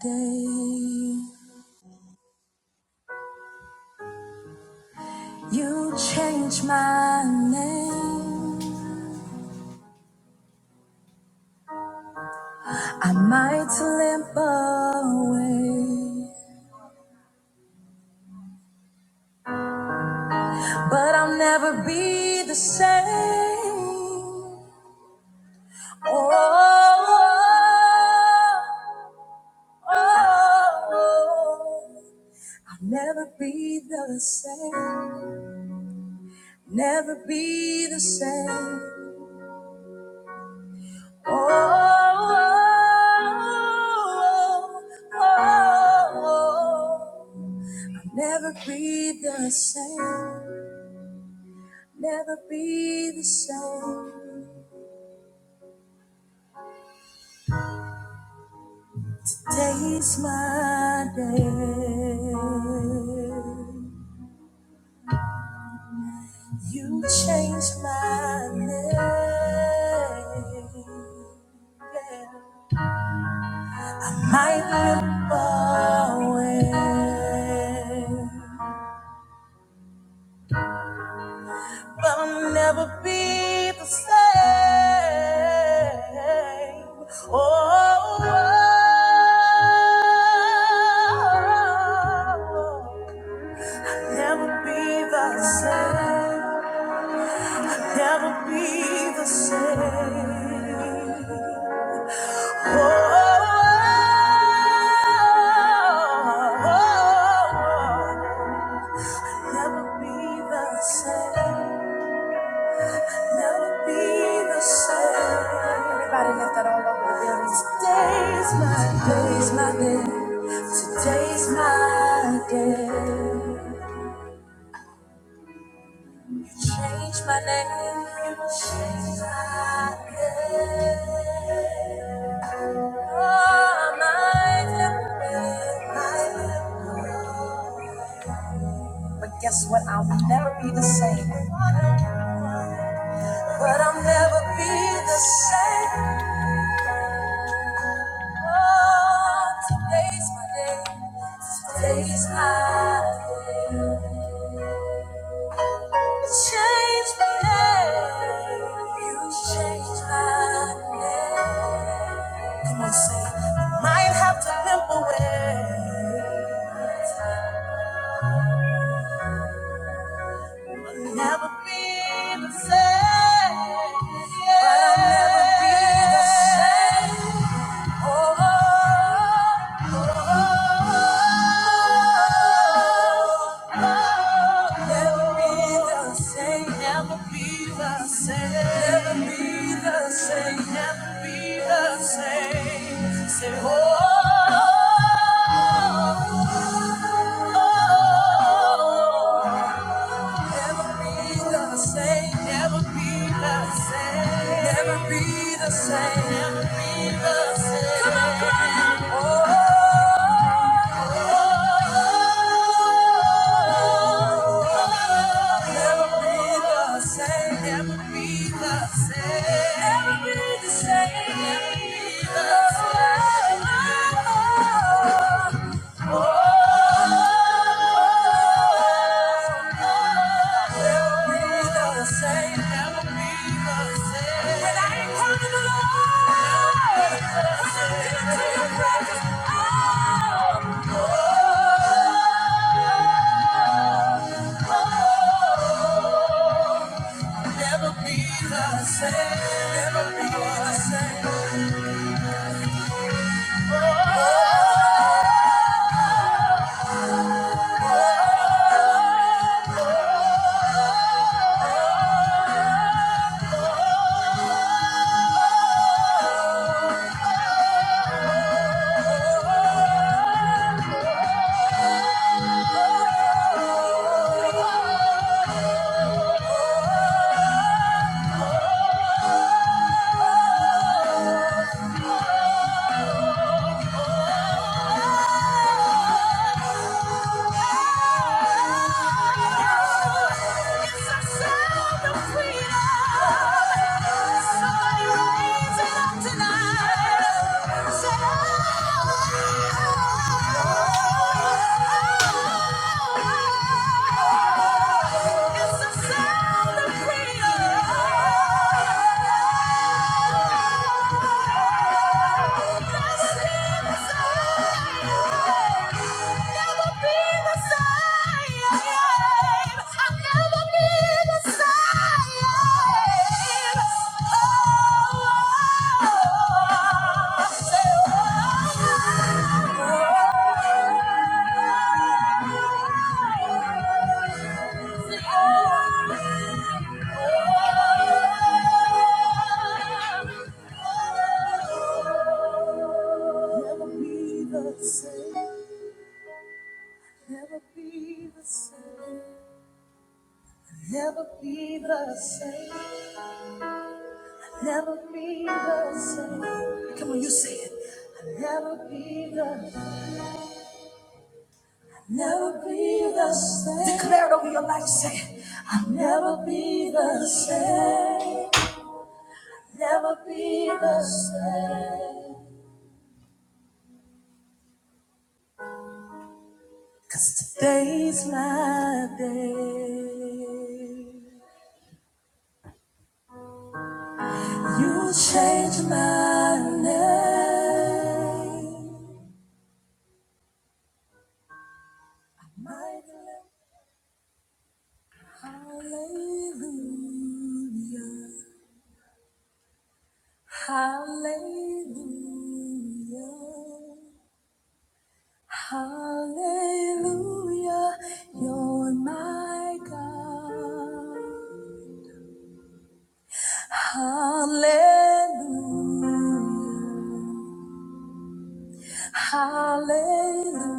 day you change my name i might limp away but i'll never be the same oh, oh, oh. i'll never be the same never be the same oh, oh, oh, oh. I'll Never be the same, never be the same. Today's my day. You changed my name. I look away. But I'll never be the same. Oh, oh, oh. never be the same. Never be the same. Oh, oh, oh, oh. never be the same. Never be the same. Everybody lift that all over the building. Today's my day's my day. Today's my day. You changed my name. You changed my name. Oh, my name, my name. But guess what? I'll never be the same. But I'll never be the same. Oh, today's my day. Today's my day. Change my name. You change my name. Come on, say. Might have to limp away. I'll never be the same. But I'll never be the same. Oh, same. Never be the same. Never be the same. Never be the same. Come on, cry out. Oh, never be the same. Never be the same. Never be the same. Never be the same. Oh, Never be the same, oh, be the same. Oh. It's the sound of freedom. Oh, oh, oh. Never be the same. Never be the same. Never be the same. Never be the same. Come on, you say it. I'll never be the. Never be the same. Declare it over your life. Say it. I'll never be the same. Never be the same. Cause today's my day. You change my name. Mighty Hallelujah. Hallelujah. Hallelujah. You're my God. Hallelujah. Hallelujah.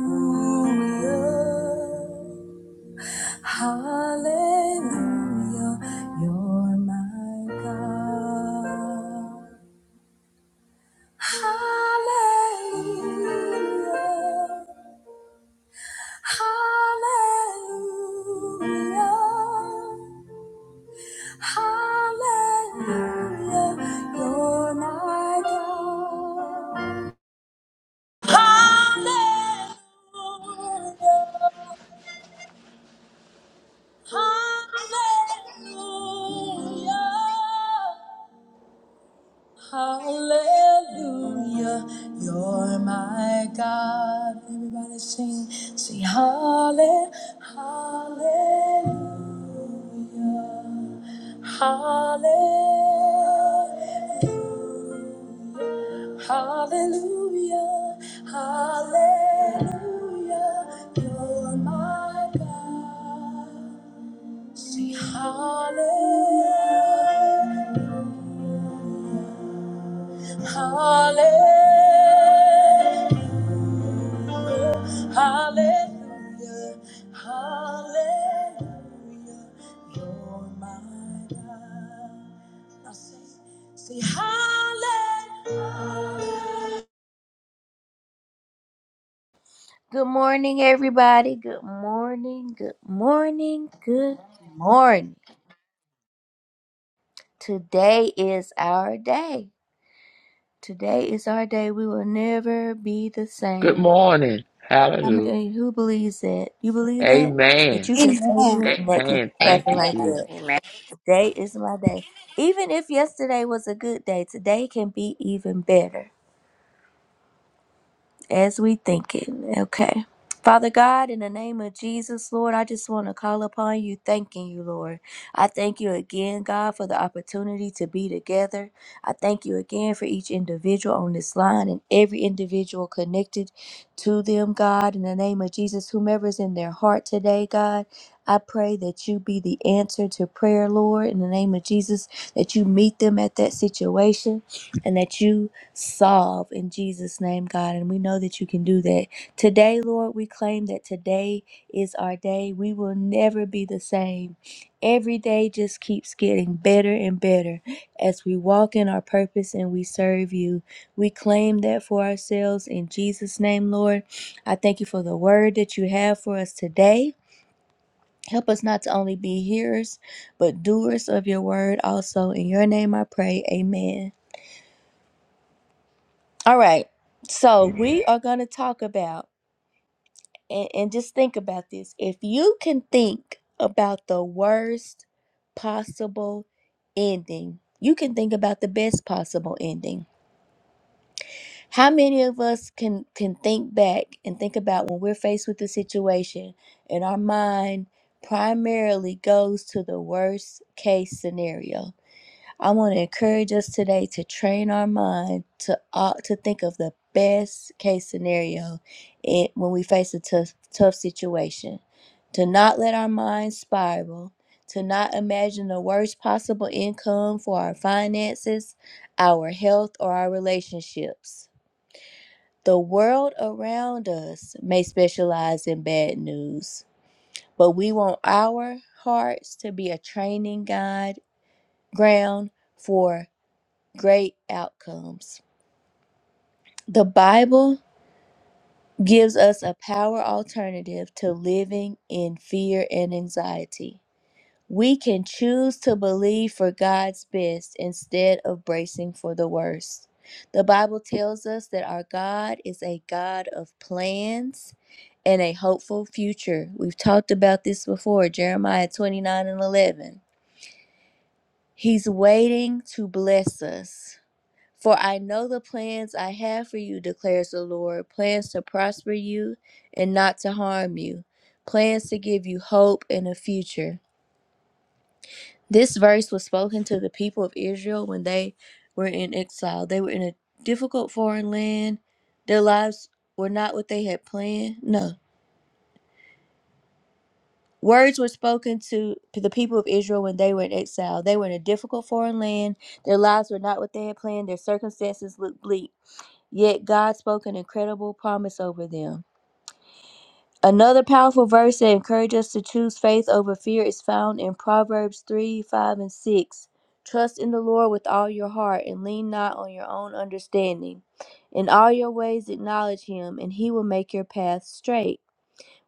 Hallelujah. You're my God. Hallelujah. Hallelujah. Hallelujah. You're my God. Hallelujah. Hallelujah. Hallelujah. You're my God. Everybody sing. Sing halle- hallelujah. Hallelujah. Hallelujah. Hallelujah. You're my God. Sing hallelujah, hallelujah, hallelujah, hallelujah. You're my God. Now sing, sing hallelujah. Good morning, everybody. Good morning, good morning, good morning. Today is our day. Today is our day. We will never be the Good same. morning. I Hallelujah. mean, who believes that? You believe that? That Amen. you can say Amen. that and that can Amen. Amen. Thank happen you, like Jesus. that. Amen. Today is my day. Even if yesterday was a good day, today can be even better. as we thinking. Okay. Father God, in the name of Jesus, Lord, I just want to call upon you, thanking you, Lord. I thank you again, God, for the opportunity to be together. I thank you again for each individual on this line and every individual connected to them, God. In the name of Jesus, whomever's in their heart today, God, I pray that you be the answer to prayer, Lord. In the name of Jesus, that you meet them at that situation and that you solve in Jesus' name, God. And we know that you can do that. Today, Lord, we claim that today is our day. We will never be the same. Every day just keeps getting better and better as we walk in our purpose and we serve you. We claim that for ourselves in Jesus' name, Lord. I thank you for the word that you have for us today. Help us not to only be hearers, but doers of your word also. In your name I pray. Amen. All right. So we are going to talk about, and, and just think about this. If you can think about the worst possible ending, you can think about the best possible ending. How many of us can can think back and think about when we're faced with a situation and our mind primarily goes to the worst case scenario? I want to encourage us today to train our mind to uh, to think of the best case scenario in, when we face a tough tough situation. To not let our mind spiral, to not imagine the worst possible income for our finances, our health, or our relationships. The world around us may specialize in bad news, but we want our hearts to be a training guide ground for great outcomes. The Bible gives us a power alternative to living in fear and anxiety. We can choose to believe for God's best instead of bracing for the worst. The Bible tells us that our God is a God of plans and a hopeful future. We've talked about this before, Jeremiah 29 and 11. He's waiting to bless us. For I know the plans I have for you, declares the Lord plans to prosper you and not to harm you, plans to give you hope and a future. This verse was spoken to the people of Israel when they were in exile. They were in a difficult foreign land. Their lives were not what they had planned. No. Words were spoken to the people of Israel when they were in exile. They were in a difficult foreign land. Their lives were not what they had planned. Their circumstances looked bleak. Yet God spoke an incredible promise over them. Another powerful verse that encourages us to choose faith over fear is found in Proverbs 3 5 and 6. Trust in the Lord with all your heart and lean not on your own understanding. In all your ways acknowledge him, and he will make your path straight.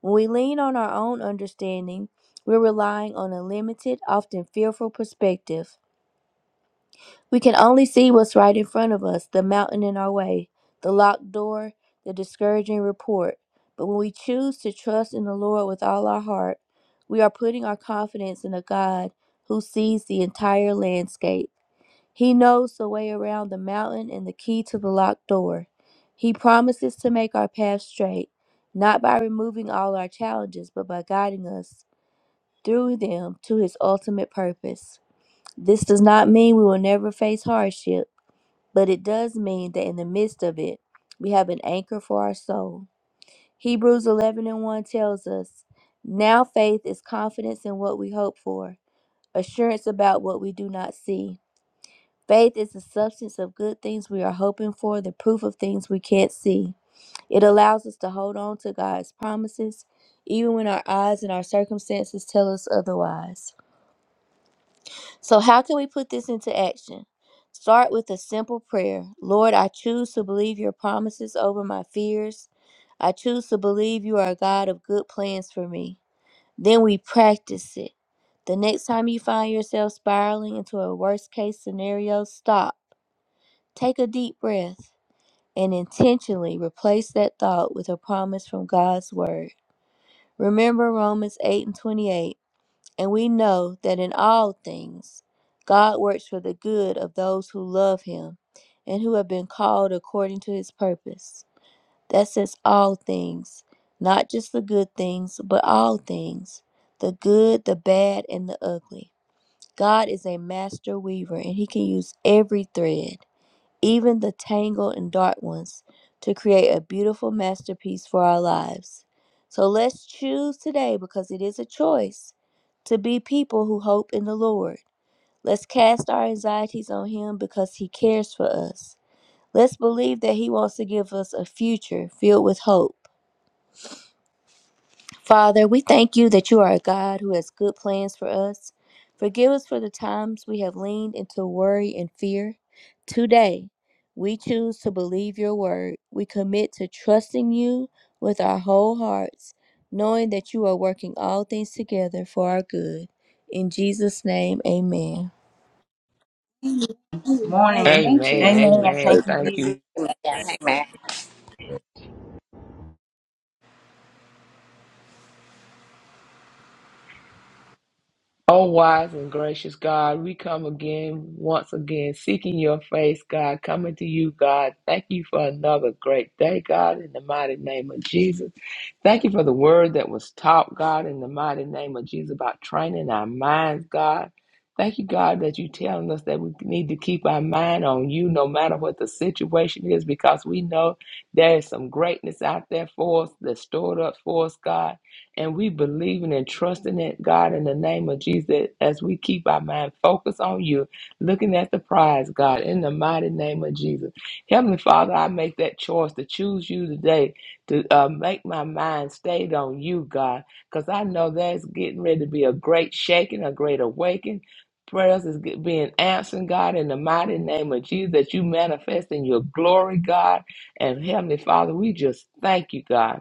When we lean on our own understanding, we're relying on a limited, often fearful perspective. We can only see what's right in front of us the mountain in our way, the locked door, the discouraging report. But when we choose to trust in the Lord with all our heart, we are putting our confidence in a God who sees the entire landscape. He knows the way around the mountain and the key to the locked door. He promises to make our path straight, not by removing all our challenges, but by guiding us through them to his ultimate purpose. This does not mean we will never face hardship. But it does mean that in the midst of it, we have an anchor for our soul. Hebrews 11 and 1 tells us, Now faith is confidence in what we hope for, assurance about what we do not see. Faith is the substance of good things we are hoping for, the proof of things we can't see. It allows us to hold on to God's promises, even when our eyes and our circumstances tell us otherwise. So, how can we put this into action? Start with a simple prayer Lord, I choose to believe your promises over my fears. I choose to believe you are a God of good plans for me. Then we practice it. The next time you find yourself spiraling into a worst case scenario, stop, take a deep breath, and intentionally replace that thought with a promise from God's Word. Remember Romans 8 and 28. And we know that in all things, God works for the good of those who love him and who have been called according to his purpose. That says all things, not just the good things, but all things the good, the bad, and the ugly. God is a master weaver, and he can use every thread even the tangled and dark ones, to create a beautiful masterpiece for our lives. So let's choose today because it is a choice to be people who hope in the Lord. Let's cast our anxieties on Him because He cares for us. Let's believe that He wants to give us a future filled with hope Father, we thank you that you are a God who has good plans for us. Forgive us for the times we have leaned into worry and fear. Today, we choose to believe your word. We commit to trusting you with our whole hearts, knowing that you are working all things together for our good. In Jesus' name, amen. Amen. Amen. Morning. Thank Amen. you, Lord. Amen. Amen. Thank Amen. you, Thank you, Jesus. Amen. Amen. O wise and gracious God, we come again, once again, seeking your face, God, coming to you, God. Thank you for another great day, God, in the mighty name of Jesus. Thank you for the word that was taught, God, in the mighty name of Jesus, about training our minds, God. Thank you, God, that you telling us that we need to keep our mind on you no matter what the situation is, because we know there is some greatness out there for us that's stored up for us, God and we believing and trusting it, God, in the name of Jesus, that as we keep our mind focused on you, looking at the prize, God, in the mighty name of Jesus. Heavenly Father, I make that choice to choose you today, to uh, make my mind stayed on you, God, because I know that's getting ready to be a great shaking, a great awakening. Prayers is get- being answered, God, in the mighty name of Jesus, that you manifest in your glory, God. And Heavenly Father, we just thank you, God.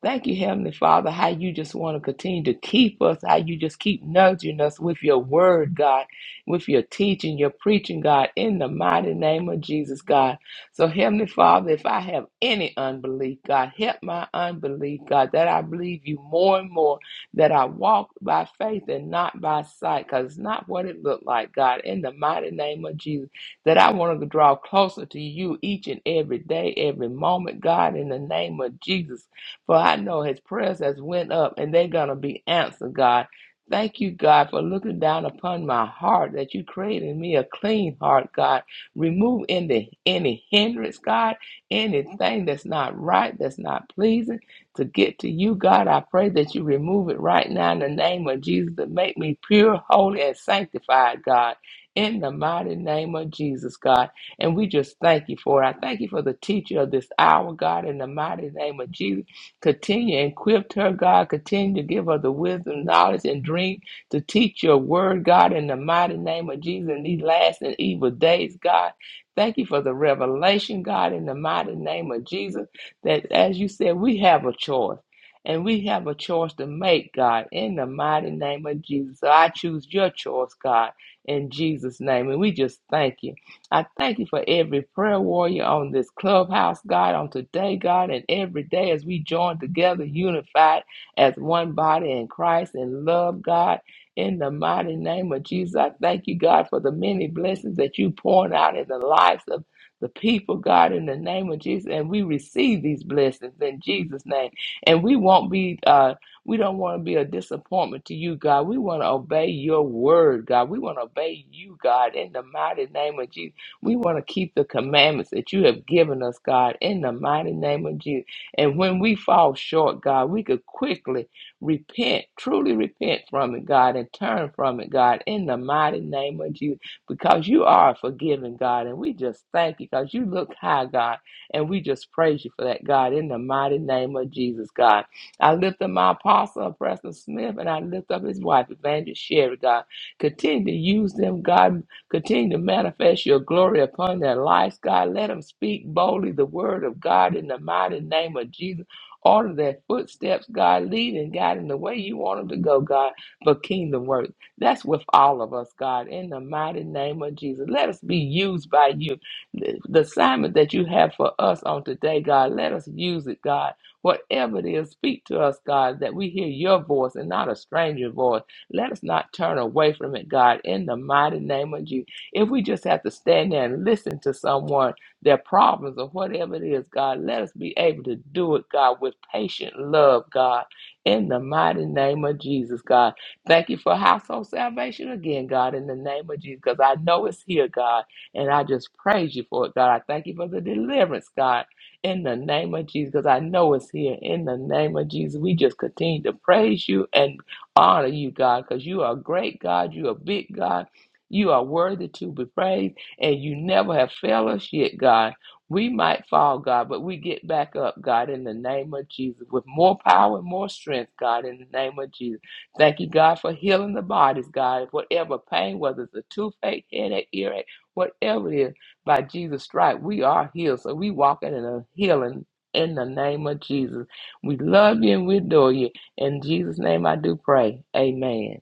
Thank you, Heavenly Father, how you just want to continue to keep us, how you just keep nudging us with your word, God, with your teaching, your preaching, God, in the mighty name of Jesus, God. So, Heavenly Father, if I have any unbelief, God, help my unbelief, God, that I believe you more and more, that I walk by faith and not by sight, because it's not what it looked like, God, in the mighty name of Jesus, that I want to draw closer to you each and every day, every moment, God, in the name of Jesus. For I know his prayers has went up and they're gonna be answered, God. Thank you, God, for looking down upon my heart that you created in me a clean heart, God. Remove any any hindrance, God, anything that's not right, that's not pleasing to get to you, God. I pray that you remove it right now in the name of Jesus to make me pure, holy, and sanctified, God. In the mighty name of Jesus, God. And we just thank you for it. I thank you for the teacher of this hour, God, in the mighty name of Jesus. Continue and equip her, God. Continue to give her the wisdom, knowledge, and drink to teach your word, God, in the mighty name of Jesus in these last and evil days, God. Thank you for the revelation, God, in the mighty name of Jesus. That as you said, we have a choice. And we have a choice to make, God, in the mighty name of Jesus. So I choose your choice, God, in Jesus' name. And we just thank you. I thank you for every prayer warrior on this clubhouse, God, on today, God, and every day as we join together, unified as one body in Christ in love, God. In the mighty name of Jesus, I thank you, God, for the many blessings that you pouring out in the lives of the people, God, in the name of Jesus. And we receive these blessings in Jesus' name. And we won't be uh we don't want to be a disappointment to you, God. We want to obey your word, God. We want to obey you, God, in the mighty name of Jesus. We want to keep the commandments that you have given us, God, in the mighty name of Jesus. And when we fall short, God, we could quickly repent, truly repent from it, God, and turn from it, God, in the mighty name of Jesus, because you are forgiving, God. And we just thank you because you look high, God, and we just praise you for that, God, in the mighty name of Jesus, God. I lift up my apostle, Preston Smith, and I lift up his wife, Evangelist Sherry, God. Continue to use them, God Continue to manifest your glory upon their lives, God. Let them speak boldly the word of God in the mighty name of Jesus. Order their footsteps, God. Lead and guide in the way you want them to go, God, for kingdom work. That's with all of us, God, in the mighty name of Jesus. Let us be used by you. The the assignment that you have for us on today, God, let us use it, God. Whatever it is, speak to us, God, that we hear your voice and not a stranger voice. Let us not turn away from it, God, in the mighty name of Jesus. If we just have to stand there and listen to someone, their problems or whatever it is, God, let us be able to do it, God, with patient love, God, in the mighty name of Jesus, God. Thank you for household salvation again, God, in the name of Jesus, because I know it's here, God, and I just praise you for it, God. I thank you for the deliverance, God in the name of Jesus, because I know it's here. In the name of Jesus, we just continue to praise you and honor you, God, because you are a great God. You are a big God. You are worthy to be praised, and you never have failed us yet, God. We might fall, God, but we get back up, God, in the name of Jesus, with more power and more strength, God, in the name of Jesus. Thank you, God, for healing the bodies, God. Whatever pain, whether it's a toothache, headache, earache, whatever it is, by Jesus' stripe, we are healed. So we walking in a healing in the name of Jesus. We love you and we adore you. In Jesus' name I do pray. Amen.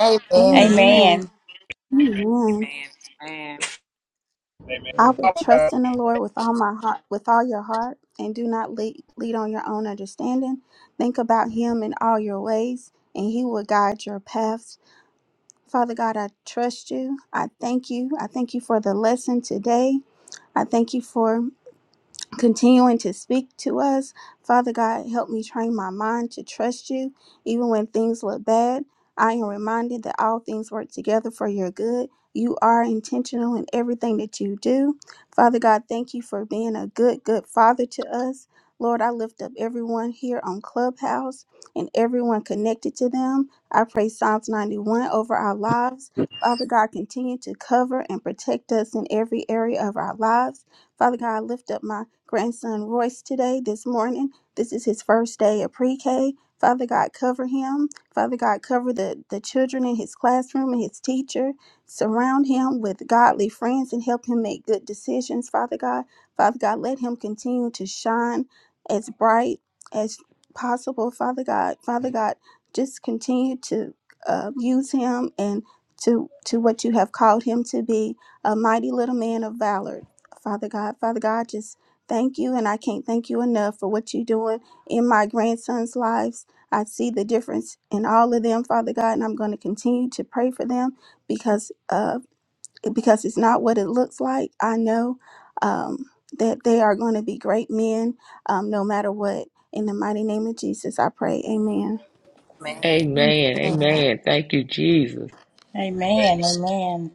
Amen. They Amen. Amen. Amen. Amen. Amen. I would Father trust in the Lord with all my heart, with all your heart, and do not lead, lead on your own understanding. Think about Him in all your ways, and He will guide your paths. Father God, I trust you. I thank you. I thank you for the lesson today. I thank you for continuing to speak to us. Father God, help me train my mind to trust you, even when things look bad. I am reminded that all things work together for your good. You are intentional in everything that you do. Father God, thank you for being a good, good father to us. Lord, I lift up everyone here on Clubhouse and everyone connected to them. I pray Psalms 91 over our lives. Father God, continue to cover and protect us in every area of our lives. Father God, I lift up my grandson Royce today, this morning. This is his first day of pre K. Father God, cover him. Father God, cover the, the children in his classroom and his teacher. Surround him with godly friends and help him make good decisions, Father God. Father God, let him continue to shine as bright as possible, Father God. Father God, just continue to uh, use him and to, to what you have called him to be a mighty little man of valor Father God, Father God, just thank you. And I can't thank you enough for what you're doing in my grandsons' lives. I see the difference in all of them, Father God, and I'm going to continue to pray for them because uh, because it's not what it looks like. I know um, that they are going to be great men um, no matter what. In the mighty name of Jesus, I pray. Amen. Amen. Amen. Thank you, Jesus. Amen. Amen.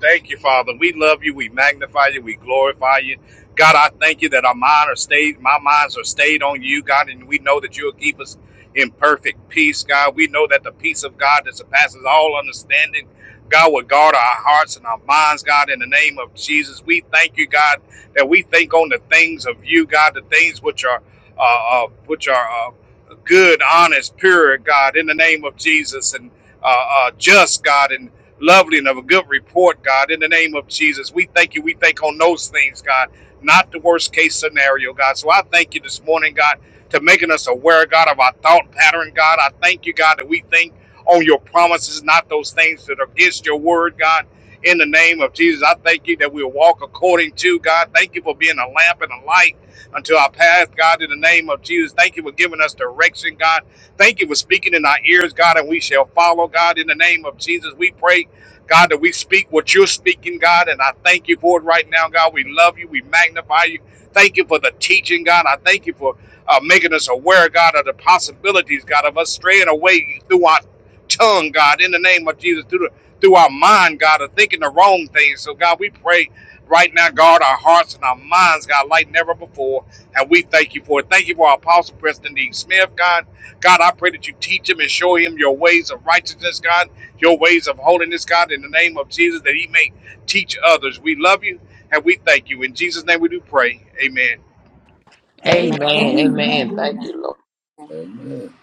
Thank you, Father. We love you. We magnify you. We glorify you. God, I thank you that our mind are stayed, my minds are stayed on you, God, and we know that you'll keep us in perfect peace, God. We know that the peace of God that surpasses all understanding, God, will guard our hearts and our minds, God, in the name of Jesus. We thank you, God, that we think on the things of you, God, the things which are uh, uh, which are uh, good, honest, pure, God, in the name of Jesus, and uh, uh, just, God, and lovely and of a good report, God. In the name of Jesus, we thank you. We think on those things, God, not the worst case scenario, God. So I thank you this morning, God, to making us aware, God, of our thought pattern, God. I thank you, God, that we think on your promises, not those things that are against your word, God. In the name of Jesus, I thank you that we'll walk according to God. Thank you for being a lamp and a light unto our path, God. In the name of Jesus, thank you for giving us direction, God. Thank you for speaking in our ears, God, and we shall follow, God. In the name of Jesus, we pray God, that we speak what you're speaking, God, and I thank you for it right now, God. We love you. We magnify you. Thank you for the teaching, God. I thank you for uh, making us aware, God, of the possibilities, God, of us straying away through our tongue, God, in the name of Jesus, through, the, through our mind, God, of thinking the wrong things. So, God, we pray right now, guard our hearts and our minds, God, like never before. And we thank you for it. Thank you for our Apostle Preston D. Smith, God. God, I pray that you teach him and show him your ways of righteousness, God your ways of holiness, God, in the name of Jesus, that He may teach others. We love you and we thank you. In Jesus' name we do pray. Amen. Amen. Amen. Amen. Amen. Amen. Thank you, Lord. Amen. Amen.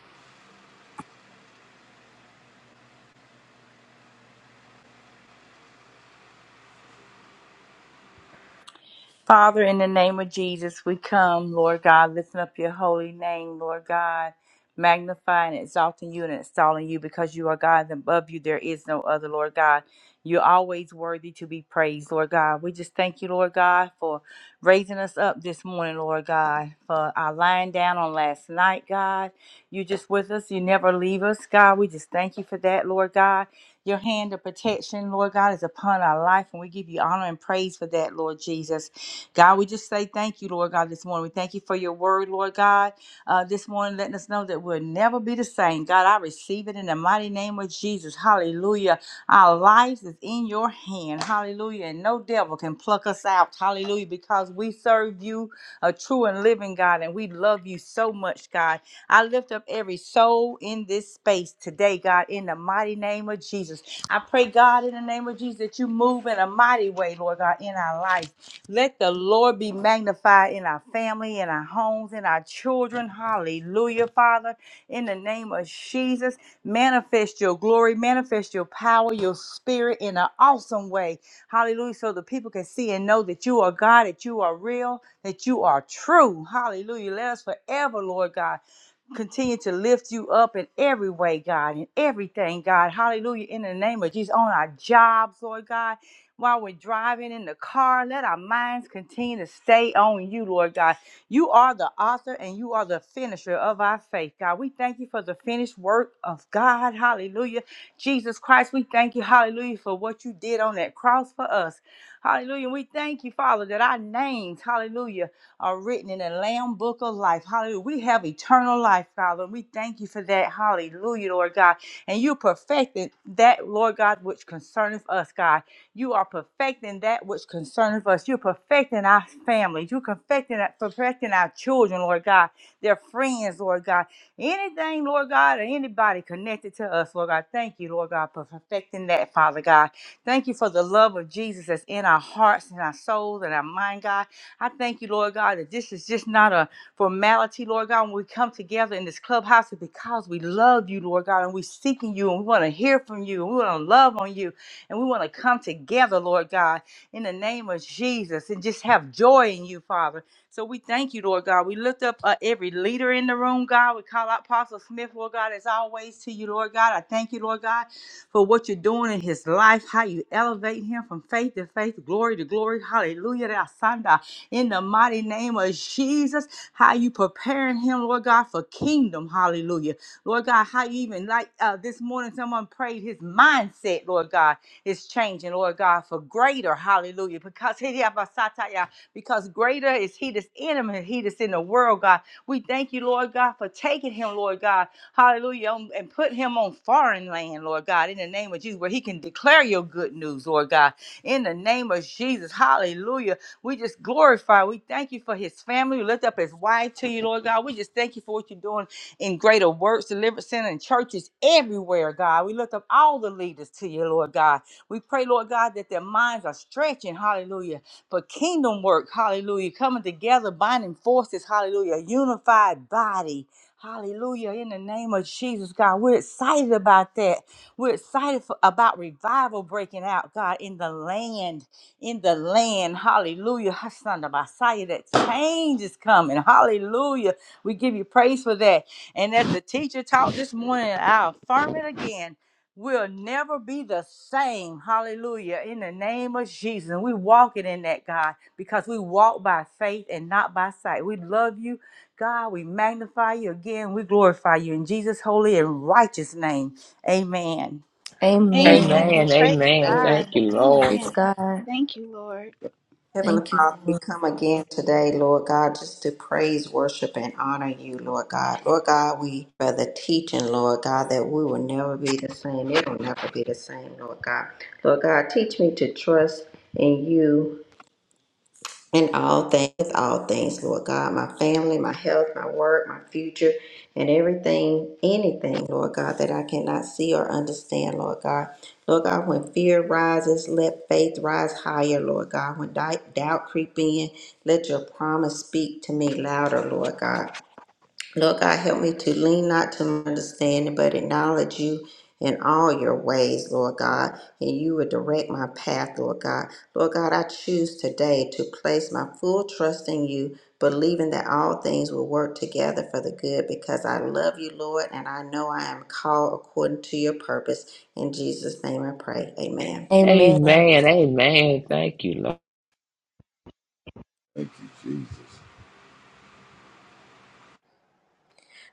Father, in the name of Jesus, we come, Lord God, lifting up your holy name, Lord God, magnifying, exalting you, and installing you because you are God, and above you there is no other, Lord God. You're always worthy to be praised, Lord God. We just thank you, Lord God, for raising us up this morning, Lord God, for our lying down on last night, God. You just with us, you never leave us, God. We just thank you for that, Lord God. Your hand of protection, Lord God, is upon our life, and we give you honor and praise for that, Lord Jesus. God, we just say thank you, Lord God, this morning. We thank you for your word, Lord God, uh, this morning, letting us know that we'll never be the same. God, I receive it in the mighty name of Jesus. Hallelujah. Our lives is in your hand. Hallelujah. And no devil can pluck us out. Hallelujah. Because we serve you, a true and living God, and we love you so much, God. I lift up every soul in this space today, God, in the mighty name of Jesus. I pray, God, in the name of Jesus, that you move in a mighty way, Lord God, in our life. Let the Lord be magnified in our family, in our homes, in our children. Hallelujah, Father. In the name of Jesus, manifest your glory, manifest your power, your spirit in an awesome way. Hallelujah. So the people can see and know that you are God, that you are real, that you are true. Hallelujah. Let us forever, Lord God continue to lift you up in every way, God, in everything, God. Hallelujah. In the name of Jesus, on our jobs, Lord God, while we're driving in the car, let our minds continue to stay on you, Lord God. You are the author and you are the finisher of our faith, God. We thank you for the finished work of God. Hallelujah. Jesus Christ, we thank you, hallelujah, for what you did on that cross for us. Hallelujah. We thank you, Father, that our names, hallelujah are written in the Lamb Book of Life. Hallelujah. We have eternal life, Father. And we thank you for that. Hallelujah, Lord God. And you perfected that, Lord God, which concerneth us, God. You are perfecting that which concerneth us. You're perfecting our families. You're perfecting, perfecting our children, Lord God, their friends, Lord God. Anything, Lord God, or anybody connected to us, Lord God. Thank you, Lord God, for perfecting that, Father God. Thank you for the love of Jesus that's in our hearts and our souls and our mind, God. I thank you, Lord God, that this is just not a formality, Lord God. When we come together in this clubhouse, it's because we love you, Lord God, and we're seeking you, and we want to hear from you, and we want to love on you, and we want to come together, Lord God, in the name of Jesus, and just have joy in you, Father. So we thank you, Lord God. We lift up uh, every leader in the room, God. We call out Apostle Smith, Lord God, as always to you, Lord God. I thank you, Lord God, for what you're doing in his life, how you elevate him from faith to faith, glory to glory. Hallelujah in the mighty name of Jesus. How you preparing him, Lord God, for kingdom. Hallelujah. Lord God, how you even like uh, this morning someone prayed his mindset, Lord God, is changing, Lord God, for greater. Hallelujah. Because he because greater is he that's in him and he that's in the world, God. We thank you, Lord God, for taking him, Lord God. Hallelujah. um, And put him on foreign land, Lord God, in the name of Jesus, where he can declare your good news, Lord God. In the name of Jesus. Hallelujah. We just glorify. We thank you for his family. We lift up his wife to you, Lord God. We just thank you for what you're doing in greater works, deliverance center, and churches everywhere, God. We lift up all the leaders to you, Lord God. We pray, Lord God, that their minds are stretching, hallelujah, for kingdom work, hallelujah, coming together, binding forces, hallelujah, a unified body. Hallelujah. In the name of Jesus, God, we're excited about that. We're excited for, about revival breaking out, God, in the land in the land. Hallelujah. Hasanda Messiah, that change is coming. Hallelujah. We give you praise for that. And as the teacher taught this morning, I affirm it again. We'll never be the same. Hallelujah. In the name of Jesus. And we walking in that, God, because we walk by faith and not by sight. We love you, God. We magnify you again. We glorify you in Jesus' holy and righteous name. Amen. Amen. Amen. Amen. Praise Amen. Amen. God. Thank you, Lord. Praise Amen. God. Thank you, Lord. Heavenly Thank you. Father, we Lord. come again today, Lord God, just to praise, worship, and honor you, Lord God. Lord God, we for the teaching, Lord God, that we will never be the same. It will never be the same, Lord God. Lord God, teach me to trust in you in all things, all things, Lord God, my family, my health, my work, my future, and everything, anything, Lord God, that I cannot see or understand, Lord God. Lord God, when fear rises, let faith rise higher, Lord God. When di- doubt creep in, let your promise speak to me louder, Lord God. Lord God, help me to lean not to my understanding, but acknowledge you in all your ways, Lord God, and you will direct my path, Lord God. Lord God, I choose today to place my full trust in you, believing that all things will work together for the good because I love you, Lord, and I know I am called according to your purpose. In Jesus' name I pray. Amen. Amen. Amen. Amen. Thank you, Lord. Thank you, Jesus.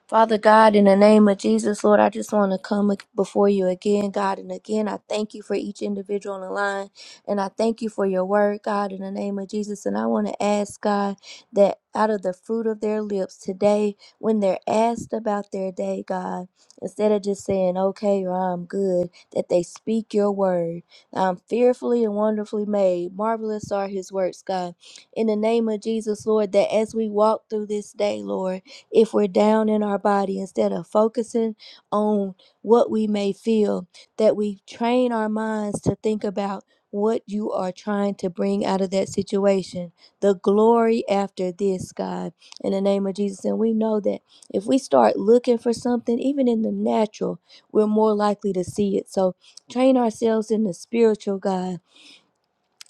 Father God, in the name of Jesus, Lord, I just want to come ag- before you again, God. And again, I thank you for each individual on the line. And I thank you for your word, God, in the name of Jesus. And I want to ask, God, that out of the fruit of their lips today, when they're asked about their day, God, instead of just saying, okay, or I'm good, that they speak your word. I'm fearfully and wonderfully made. Marvelous are his works, God. In the name of Jesus, Lord, that as we walk through this day, Lord, if we're down in our body, instead of focusing on what we may feel, that we train our minds to think about what you are trying to bring out of that situation, the glory after this, God, in the name of Jesus. And we know that if we start looking for something, even in the natural, we're more likely to see it. So train ourselves in the spiritual, God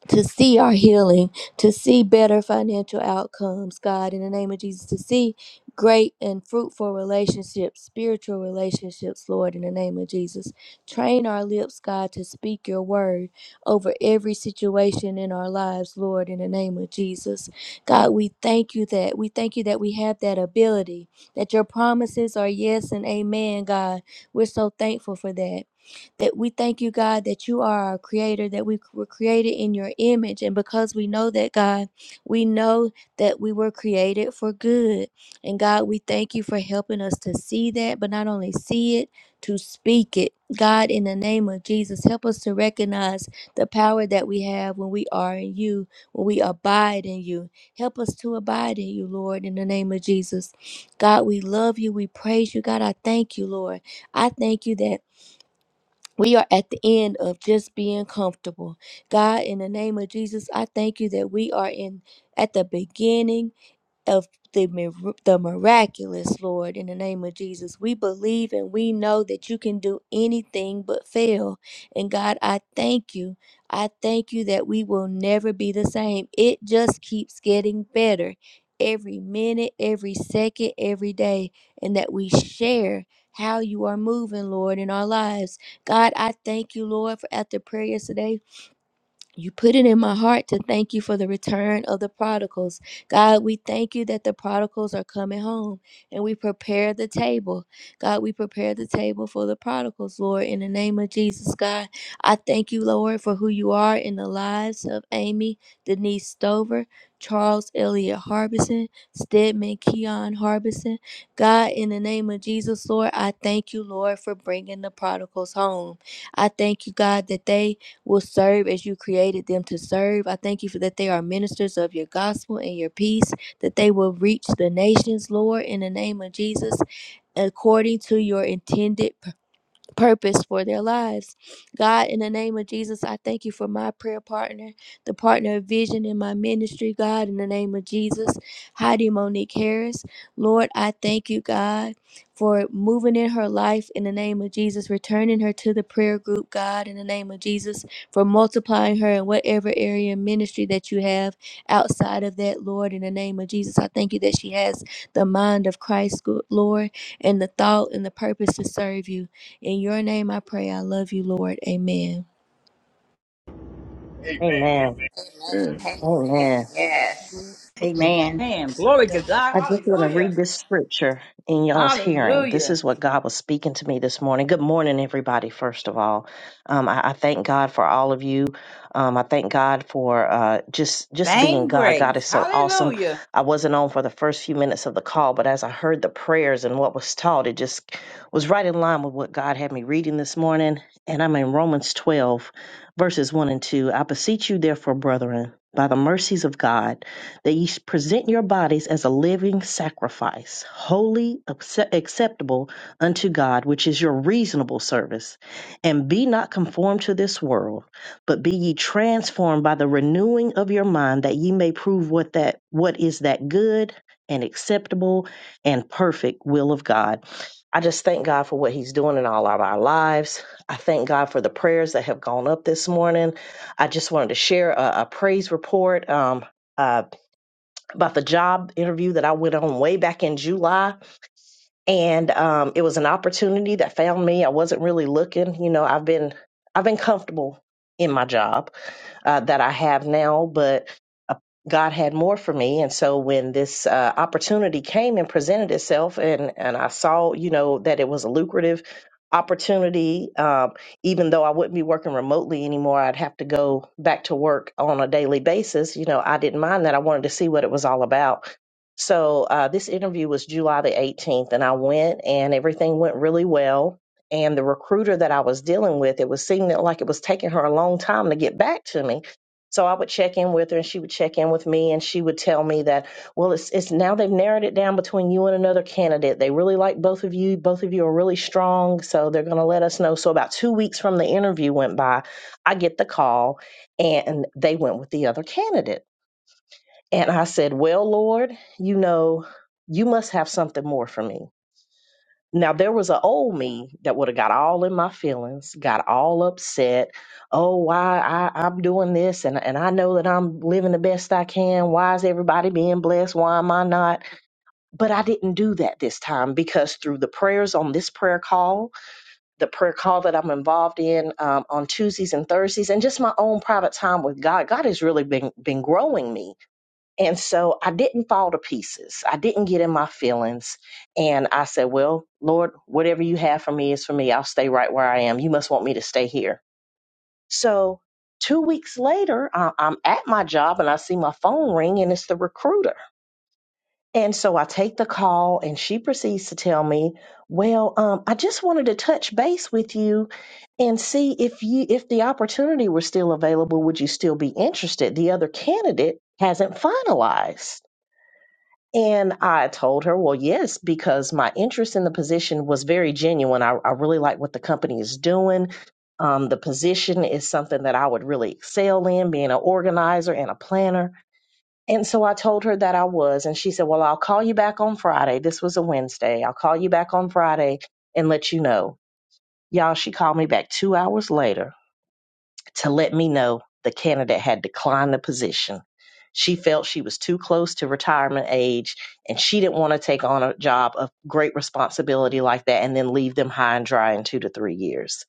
to see our healing, to see better financial outcomes, God, in the name of Jesus, to see great and fruitful relationships, spiritual relationships, Lord, in the name of Jesus. Train our lips, God, to speak your word over every situation in our lives, Lord, in the name of Jesus. God, we thank you that. We thank you that we have that ability, that your promises are yes and amen, God. We're so thankful for that. That we thank you, God, that you are our creator, that we were created in your image. And because we know that, God, we know that we were created for good. And God, we thank you for helping us to see that, but not only see it, to speak it. God, in the name of Jesus, help us to recognize the power that we have when we are in you, when we abide in you. Help us to abide in you, Lord, in the name of Jesus. God, we love you. We praise you. God, I thank you, Lord. I thank you that. We are at the end of just being comfortable. God, in the name of Jesus, I thank you that we are in at the beginning of the, mir- the miraculous, Lord, in the name of Jesus. We believe and we know that you can do anything but fail. And God, I thank you. I thank you that we will never be the same. It just keeps getting better every minute, every second, every day, and that we share. How you are moving, Lord, in our lives. God, I thank you, Lord, for after prayers today you put it in my heart to thank you for the return of the prodigals. God, we thank you that the prodigals are coming home and we prepare the table. God, we prepare the table for the prodigals, Lord, in the name of Jesus, God. I thank you, Lord, for who you are in the lives of Amy, Denise Stover, Charles Elliott Harbison, Stedman Keon Harbison. God, in the name of Jesus, Lord, I thank you, Lord, for bringing the prodigals home. I thank you, God, that they will serve as you created them to serve. I thank you for that they are ministers of your gospel and your peace, that they will reach the nations, Lord, in the name of Jesus, according to your intended purpose for their lives. God, in the name of Jesus, I thank you for my prayer partner, the partner of vision in my ministry, God, in the name of Jesus, Heidi Monique Harris. Lord, I thank you, God, for moving in her life in the name of Jesus, returning her to the prayer group, God, in the name of Jesus, for multiplying her in whatever area of ministry that you have outside of that, Lord, in the name of Jesus. I thank you that she has the mind of Christ, Lord, and the thought and the purpose to serve you. In your name I pray. I love you, Lord. Amen. Amen. Amen. Amen. Amen. Amen. Amen. Yes. Amen. Man, Make glory to them God. I just want to Hallelujah. read this scripture in y'all's hearing. This Hallelujah. is what God was speaking to me this morning. Good morning, everybody, first of all. Um, I, I thank God for all of you. Um, I thank God for uh, just just being Same God. God grace. is so awesome. Hallelujah. I wasn't on for the first few minutes of the call, but as I heard the prayers and what was taught, it just was right in line with what God had me reading this morning. And I'm in Romans 12, verses 1 and 2. I beseech you, therefore, brethren, by the mercies of God that ye present your bodies as a living sacrifice, holy, acceptable unto God, which is your reasonable service. And be not conformed to this world, but be ye transformed by the renewing of your mind, that ye may prove what that what is that good and acceptable and perfect will of God. I just thank God for what He's doing in all of our lives. I thank God for the prayers that have gone up this morning. I just wanted to share a, a praise report. Um, about the job interview that I went on way back in July. And um, it was an opportunity that found me. I wasn't really looking. You know, I've been I've been comfortable in my job uh, that I have now, but uh, God had more for me. And so when this uh, opportunity came and presented itself, and, and I saw, you know, that it was a lucrative opportunity, um, even though I wouldn't be working remotely anymore, I'd have to go back to work on a daily basis. You know, I didn't mind that. I wanted to see what it was all about. So uh, this interview was July the 18th, and I went, and everything went really well and the recruiter that I was dealing with, it was seeming like it was taking her a long time to get back to me. So I would check in with her, and she would check in with me, and she would tell me that, well, it's it's now they've narrowed it down between you and another candidate. They really like both of you. Both of you are really strong, so they're going to let us know. So about two weeks from the interview went by, I get the call, and they went with the other candidate. And I said, well, Lord, you know, you must have something more for me now there was an old me that would have got all in my feelings, got all upset. Oh, why I, I'm doing this, and and I know that I'm living the best I can. Why is everybody being blessed? Why am I not? But I didn't do that this time because through the prayers on this prayer call, the prayer call that I'm involved in um, on Tuesdays and Thursdays, and just my own private time with God, God has really been been growing me and so I didn't fall to pieces. I didn't get in my feelings. And I said, Well, Lord, whatever you have for me is for me. I'll stay right where I am. You must want me to stay here. So two weeks later, I- I'm at my job and I see my phone ring and it's the recruiter. And so I take the call and she proceeds to tell me, Well, um, I just wanted to touch base with you and see if you if the opportunity were still available, would you still be interested? The other candidate hasn't finalized. And I told her, well, yes, because my interest in the position was very genuine. I, I really like what the company is doing. Um, the position is something that I would really excel in, being an organizer and a planner. And so I told her that I was. And she said, well, I'll call you back on Friday. This was a Wednesday. I'll call you back on Friday and let you know. Y'all, she called me back two hours later to let me know the candidate had declined the position. She felt she was too close to retirement age and she didn't want to take on a job of great responsibility like that and then leave them high and dry in two to three years.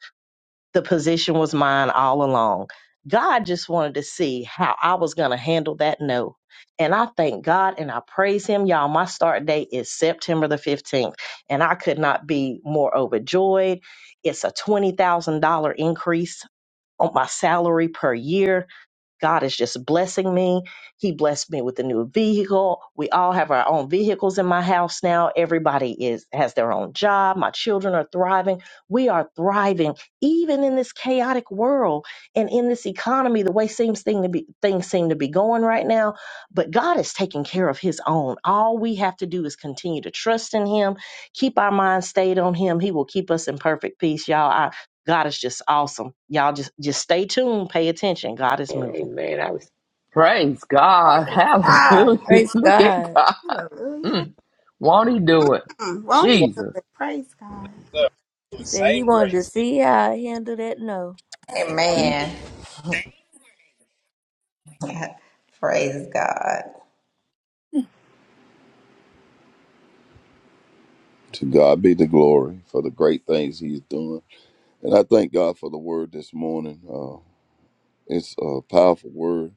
The position was mine all along. God just wanted to see how I was going to handle that no. And I thank God and I praise Him. Y'all, my start date is September the 15th, and I could not be more overjoyed. It's a $20,000 increase on my salary per year God is just blessing me. He blessed me with a new vehicle. We all have our own vehicles in my house now. Everybody is has their own job. My children are thriving. We are thriving even in this chaotic world and in this economy the way seems thing to be things seem to be going right now, but God is taking care of his own. All we have to do is continue to trust in him, keep our mind stayed on him. He will keep us in perfect peace, y'all. I, God is just awesome. Y'all just just stay tuned, pay attention. God is moving. Amen. I was praise God. God, Hallelujah. Praise Look at God. God. hallelujah. Mm. Won't he do it? Mm, Won't he do Jesus. it? Praise God. love with He the said he same wanted to grace. see how I handle that no. And Amen. Hallelujah. Praise God. To God be the glory for the great things He's doing. And I thank God for the word this morning. Uh, it's a powerful word,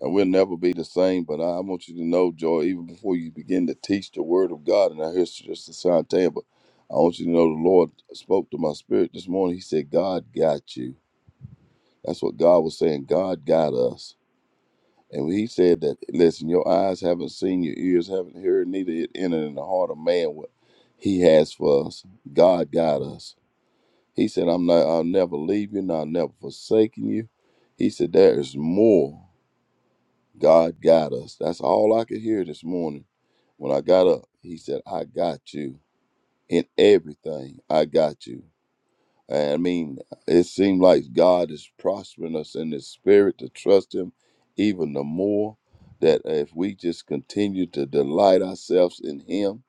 and we'll never be the same. But I want you to know, Joy, even before you begin to teach the word of God, and I hear Sister Santea, but I want you to know the Lord spoke to my spirit this morning. He said, God got you. That's what God was saying. God got us. And he said that, listen, your eyes haven't seen, your ears haven't heard, neither it entered in the heart of man what he has for us. God got us. He said, I'm not, I'll never leave you and I'll never forsaken you. He said, there is more. God got us. That's all I could hear this morning. When I got up, he said, I got you in everything. I got you. I mean, it seems like God is prospering us in the spirit to trust Him even the more. That if we just continue to delight ourselves in Him,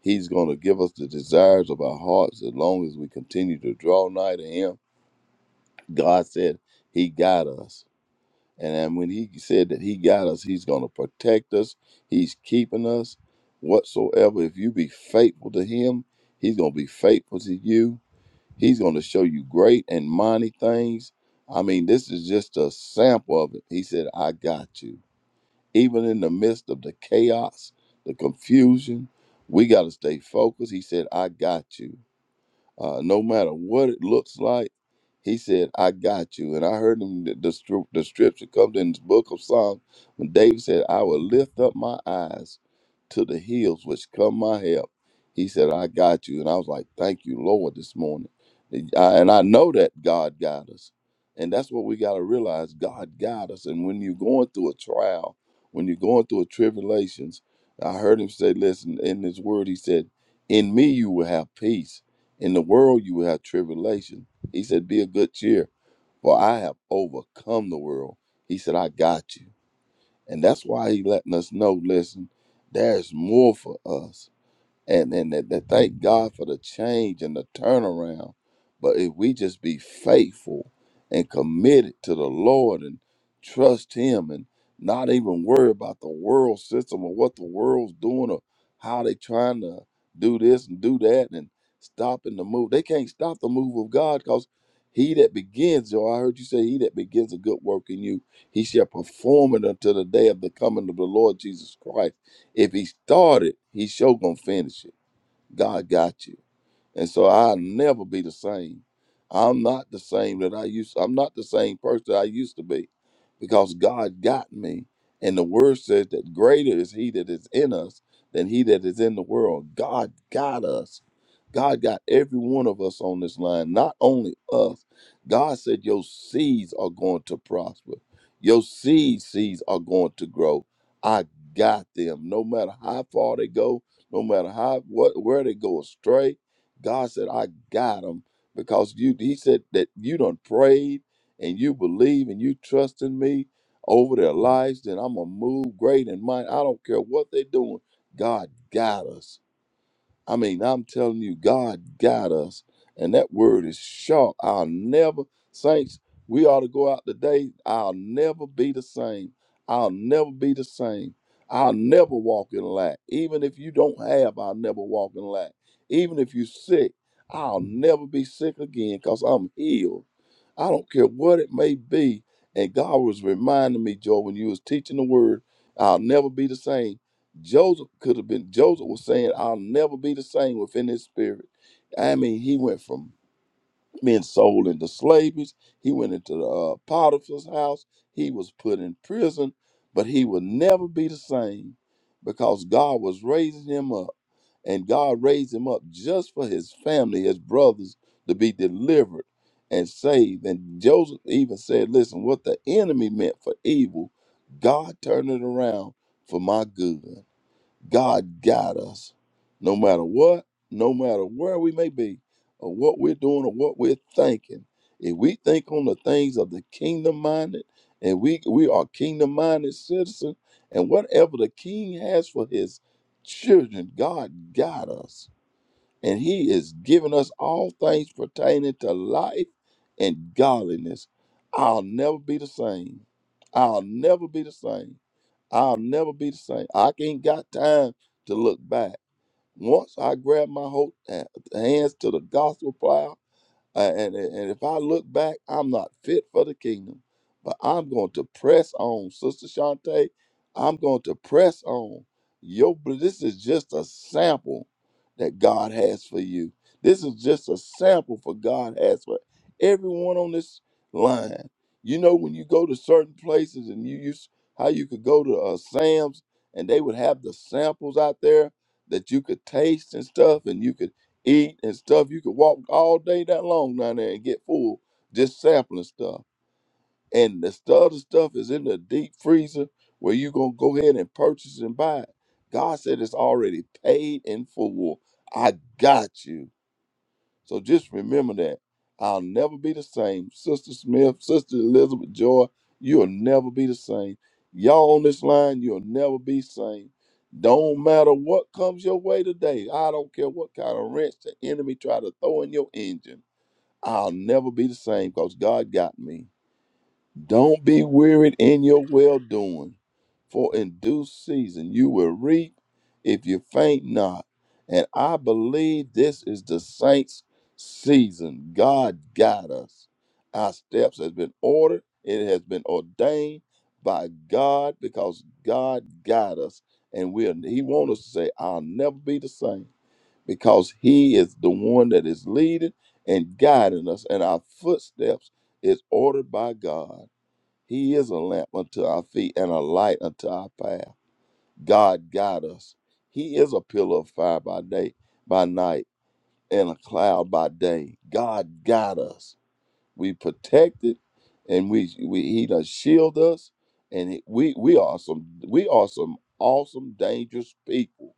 He's going to give us the desires of our hearts as long as we continue to draw nigh to Him. God said He got us. And then when He said that He got us, He's going to protect us, He's keeping us whatsoever. If you be faithful to Him, He's going to be faithful to you He's going to show you great and mighty things. I mean, this is just a sample of it. He said, I got you. Even in the midst of the chaos, the confusion, we got to stay focused. He said, I got you uh, no matter what it looks like. He said, I got you. And I heard him, the, the, stru- the scripture comes in the book of Psalms when David said, I will lift up my eyes to the hills which come my help. He said, I got you. And I was like, thank you, Lord, this morning. And I and I know that God got us. And that's what we got to realize God got us. And when you're going through a trial, when you're going through a tribulations, I heard him say, listen, in his word, he said, in me you will have peace in the world you will have tribulation. He said, Be of good cheer, for I have overcome the world. He said, I got you. And that's why he letting us know, listen, there's more for us and and that, that thank God for the change and the turnaround. But if we just be faithful and committed to the Lord and trust Him and not even worry about the world system or what the world's doing or how they trying to do this and do that and stopping the move. They can't stop the move of God because he that begins, yo, I heard you say, he that begins a good work in you, he shall perform it until the day of the coming of the Lord Jesus Christ. If he started, he sure gonna finish it. God got you. And so I'll never be the same. I'm not the same that I used I'm not the same person I used to be because God got me. And the word says that greater is he that is in us than he that is in the world. God got us. God got every one of us on this line, not only us. God said your seeds are going to prosper. Your seed seeds are going to grow. I got them. No matter how far they go, no matter how what where they go astray, God said, I got him because you he said that you done prayed and you believe and you trust in me over their lives, then I'm gonna move great and mighty. I don't care what they are doing. God got us. I mean, I'm telling you, God got us. And that word is sharp. I'll never, saints, we ought to go out today. I'll never be the same. I'll never be the same. I'll never walk in lack. Even if you don't have, I'll never walk in lack. Even if you're sick, I'll never be sick again because I'm healed. I don't care what it may be. And God was reminding me, Joe, when you was teaching the word, I'll never be the same. Joseph could have been, Joseph was saying, I'll never be the same within his spirit. I mean, he went from being sold into slavery, he went into the, uh, Potiphar's house, he was put in prison, but he would never be the same because God was raising him up. And God raised him up just for his family, his brothers, to be delivered and saved. And Joseph even said, Listen, what the enemy meant for evil, God turned it around for my good. God guide us, no matter what, no matter where we may be, or what we're doing, or what we're thinking. If we think on the things of the kingdom minded, and we we are kingdom minded citizens, and whatever the King has for His children, God guide us, and He is giving us all things pertaining to life and godliness. I'll never be the same. I'll never be the same. I'll never be the same. I ain't got time to look back. Once I grab my whole hands to the gospel plow uh, and, and if I look back, I'm not fit for the kingdom, but I'm going to press on, Sister Shante. I'm going to press on. Yo, but this is just a sample that God has for you. This is just a sample for God has for everyone on this line. You know, when you go to certain places and you use how you could go to uh, Sam's and they would have the samples out there that you could taste and stuff, and you could eat and stuff. You could walk all day that long down there and get full just sampling stuff. And the stu- other stuff is in the deep freezer where you gonna go ahead and purchase and buy it. God said it's already paid in full. I got you. So just remember that. I'll never be the same. Sister Smith, Sister Elizabeth Joy, you'll never be the same. Y'all on this line, you'll never be same. Don't matter what comes your way today. I don't care what kind of wrench the enemy try to throw in your engine. I'll never be the same because God got me. Don't be wearied in your well doing, for in due season you will reap if you faint not. And I believe this is the saints' season. God got us. Our steps has been ordered. It has been ordained by God because God got us, and we are, He wants us to say, "I'll never be the same," because He is the one that is leading and guiding us, and our footsteps is ordered by God. He is a lamp unto our feet and a light unto our path. God guide us. He is a pillar of fire by day, by night, and a cloud by day. God guide us. We protected, and we, we He does shield us, and it- we we are some we are some awesome dangerous people.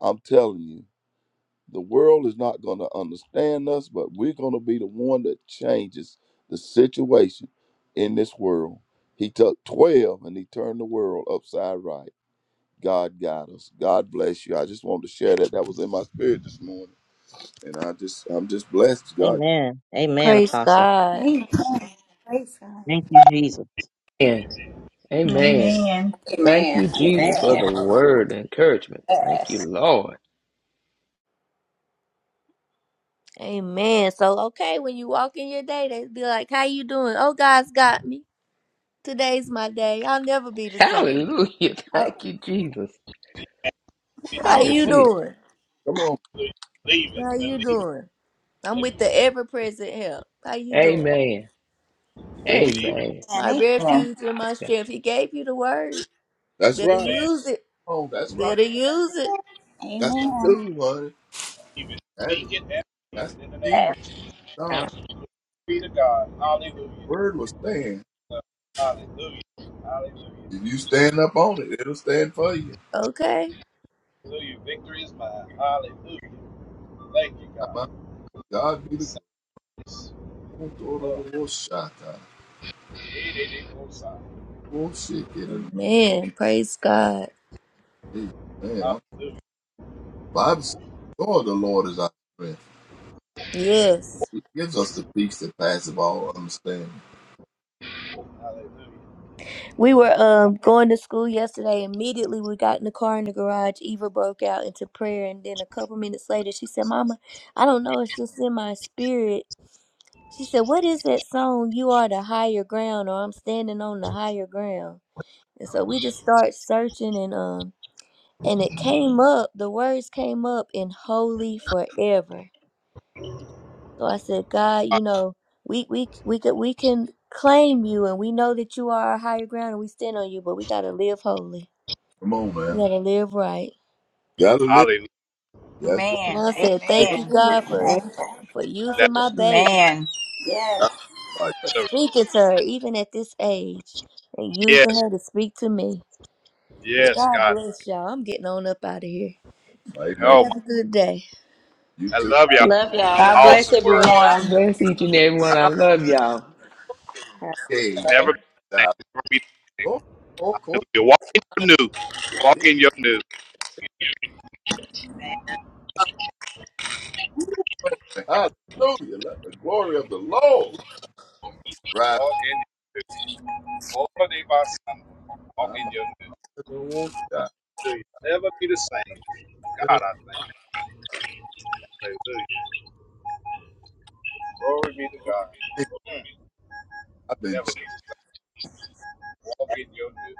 I'm telling you. The world is not going to understand us, but we're going to be the one that changes the situation in this world. He took 12 and he turned the world upside right. God got us. God bless you. I just wanted to share that. That was in my spirit this morning. And I just, I'm just blessed. God, Amen. Amen, Praise Apostle. God. Amen. Praise God. Thank you, Jesus. And amen. Amen. Thank Amen. you, Jesus, for the Amen. word and encouragement. Thank Yes. you, Lord. Amen. So okay, when you walk in your day, they be like, How you doing? Oh, God's got me. Today's my day. I'll never be the same. Hallelujah. Oh, Thank you, Jesus. Ooh, And I how speak you Hallelujah. it. receive. doing? come on. Hallelujah. Believe it. How you Believe it. doing? I'm with the Hallelujah. ever present help. How you doing? Amen. Phil. Believe it. Amen. My Amen. Yeah. refuge and my strength. He gave you the word. That's Better right. Amen. use it. Come on. That's right. Better use it. That's the Amen. dude, honey. Believe That is, Speak it and believe that's it in the the name key. Amen. of Jesus. God, Be to God. Hallelujah. word will stand. Hallelujah. Hallelujah. If you stand up on it, it'll stand for you. Okay. Hallelujah. Victory is mine. Hallelujah. Thank you, God. My God be the glory. Otoroboshata. Hallelujah. Oshikere. Amen. Praise God. Amen. Our Bible says, the joy of the Lord is our strength. Yes. He gives us the peace that passes all understanding. We were um going to school yesterday. Immediately we got in the car in the garage. Eva broke out into prayer and then a couple minutes later she said, Mama, I don't know, it's just in my spirit. She said, What is that song? You are the higher ground or I'm standing on the higher ground. And so we just start searching and um and it came up, the words came up in holy forever. So I said, God, you know, we we we could we can claim you, and we know that you are our higher ground, and we stand on you, but we gotta live holy. Come on, We man. gotta live right. Gotta live. Hallelujah. That's right. And Amen. I said, Yes, thank you, Amen. Amen. God, for for using That's my baby, Amen. Yes. That's right. for so speaking to her even at this age, and using yes, her to speak to me. Yes, yes, God God. bless y'all. I'm getting on up out of here. amen. Oh my Have a good day. You I too. love y'all. Love y'all. God Y'all have a bless Awesome word. good God everyone. bless each and every one. I love y'all. day. Okay. Never Amen. be the Now, same. Never be the same. go, go, go. 'Cause You walk in your new. Walk Yes, in your new. I know. Hallelujah. Let the glory of the Lord rise. Walk in your new. Hold on day by Sunday. Walk I'm in out your new. of the water. Hallelujah. Never be the same. God, I thank you. Hallelujah. Glory be to God. Mm, I've been Never be the same. Walk in your new.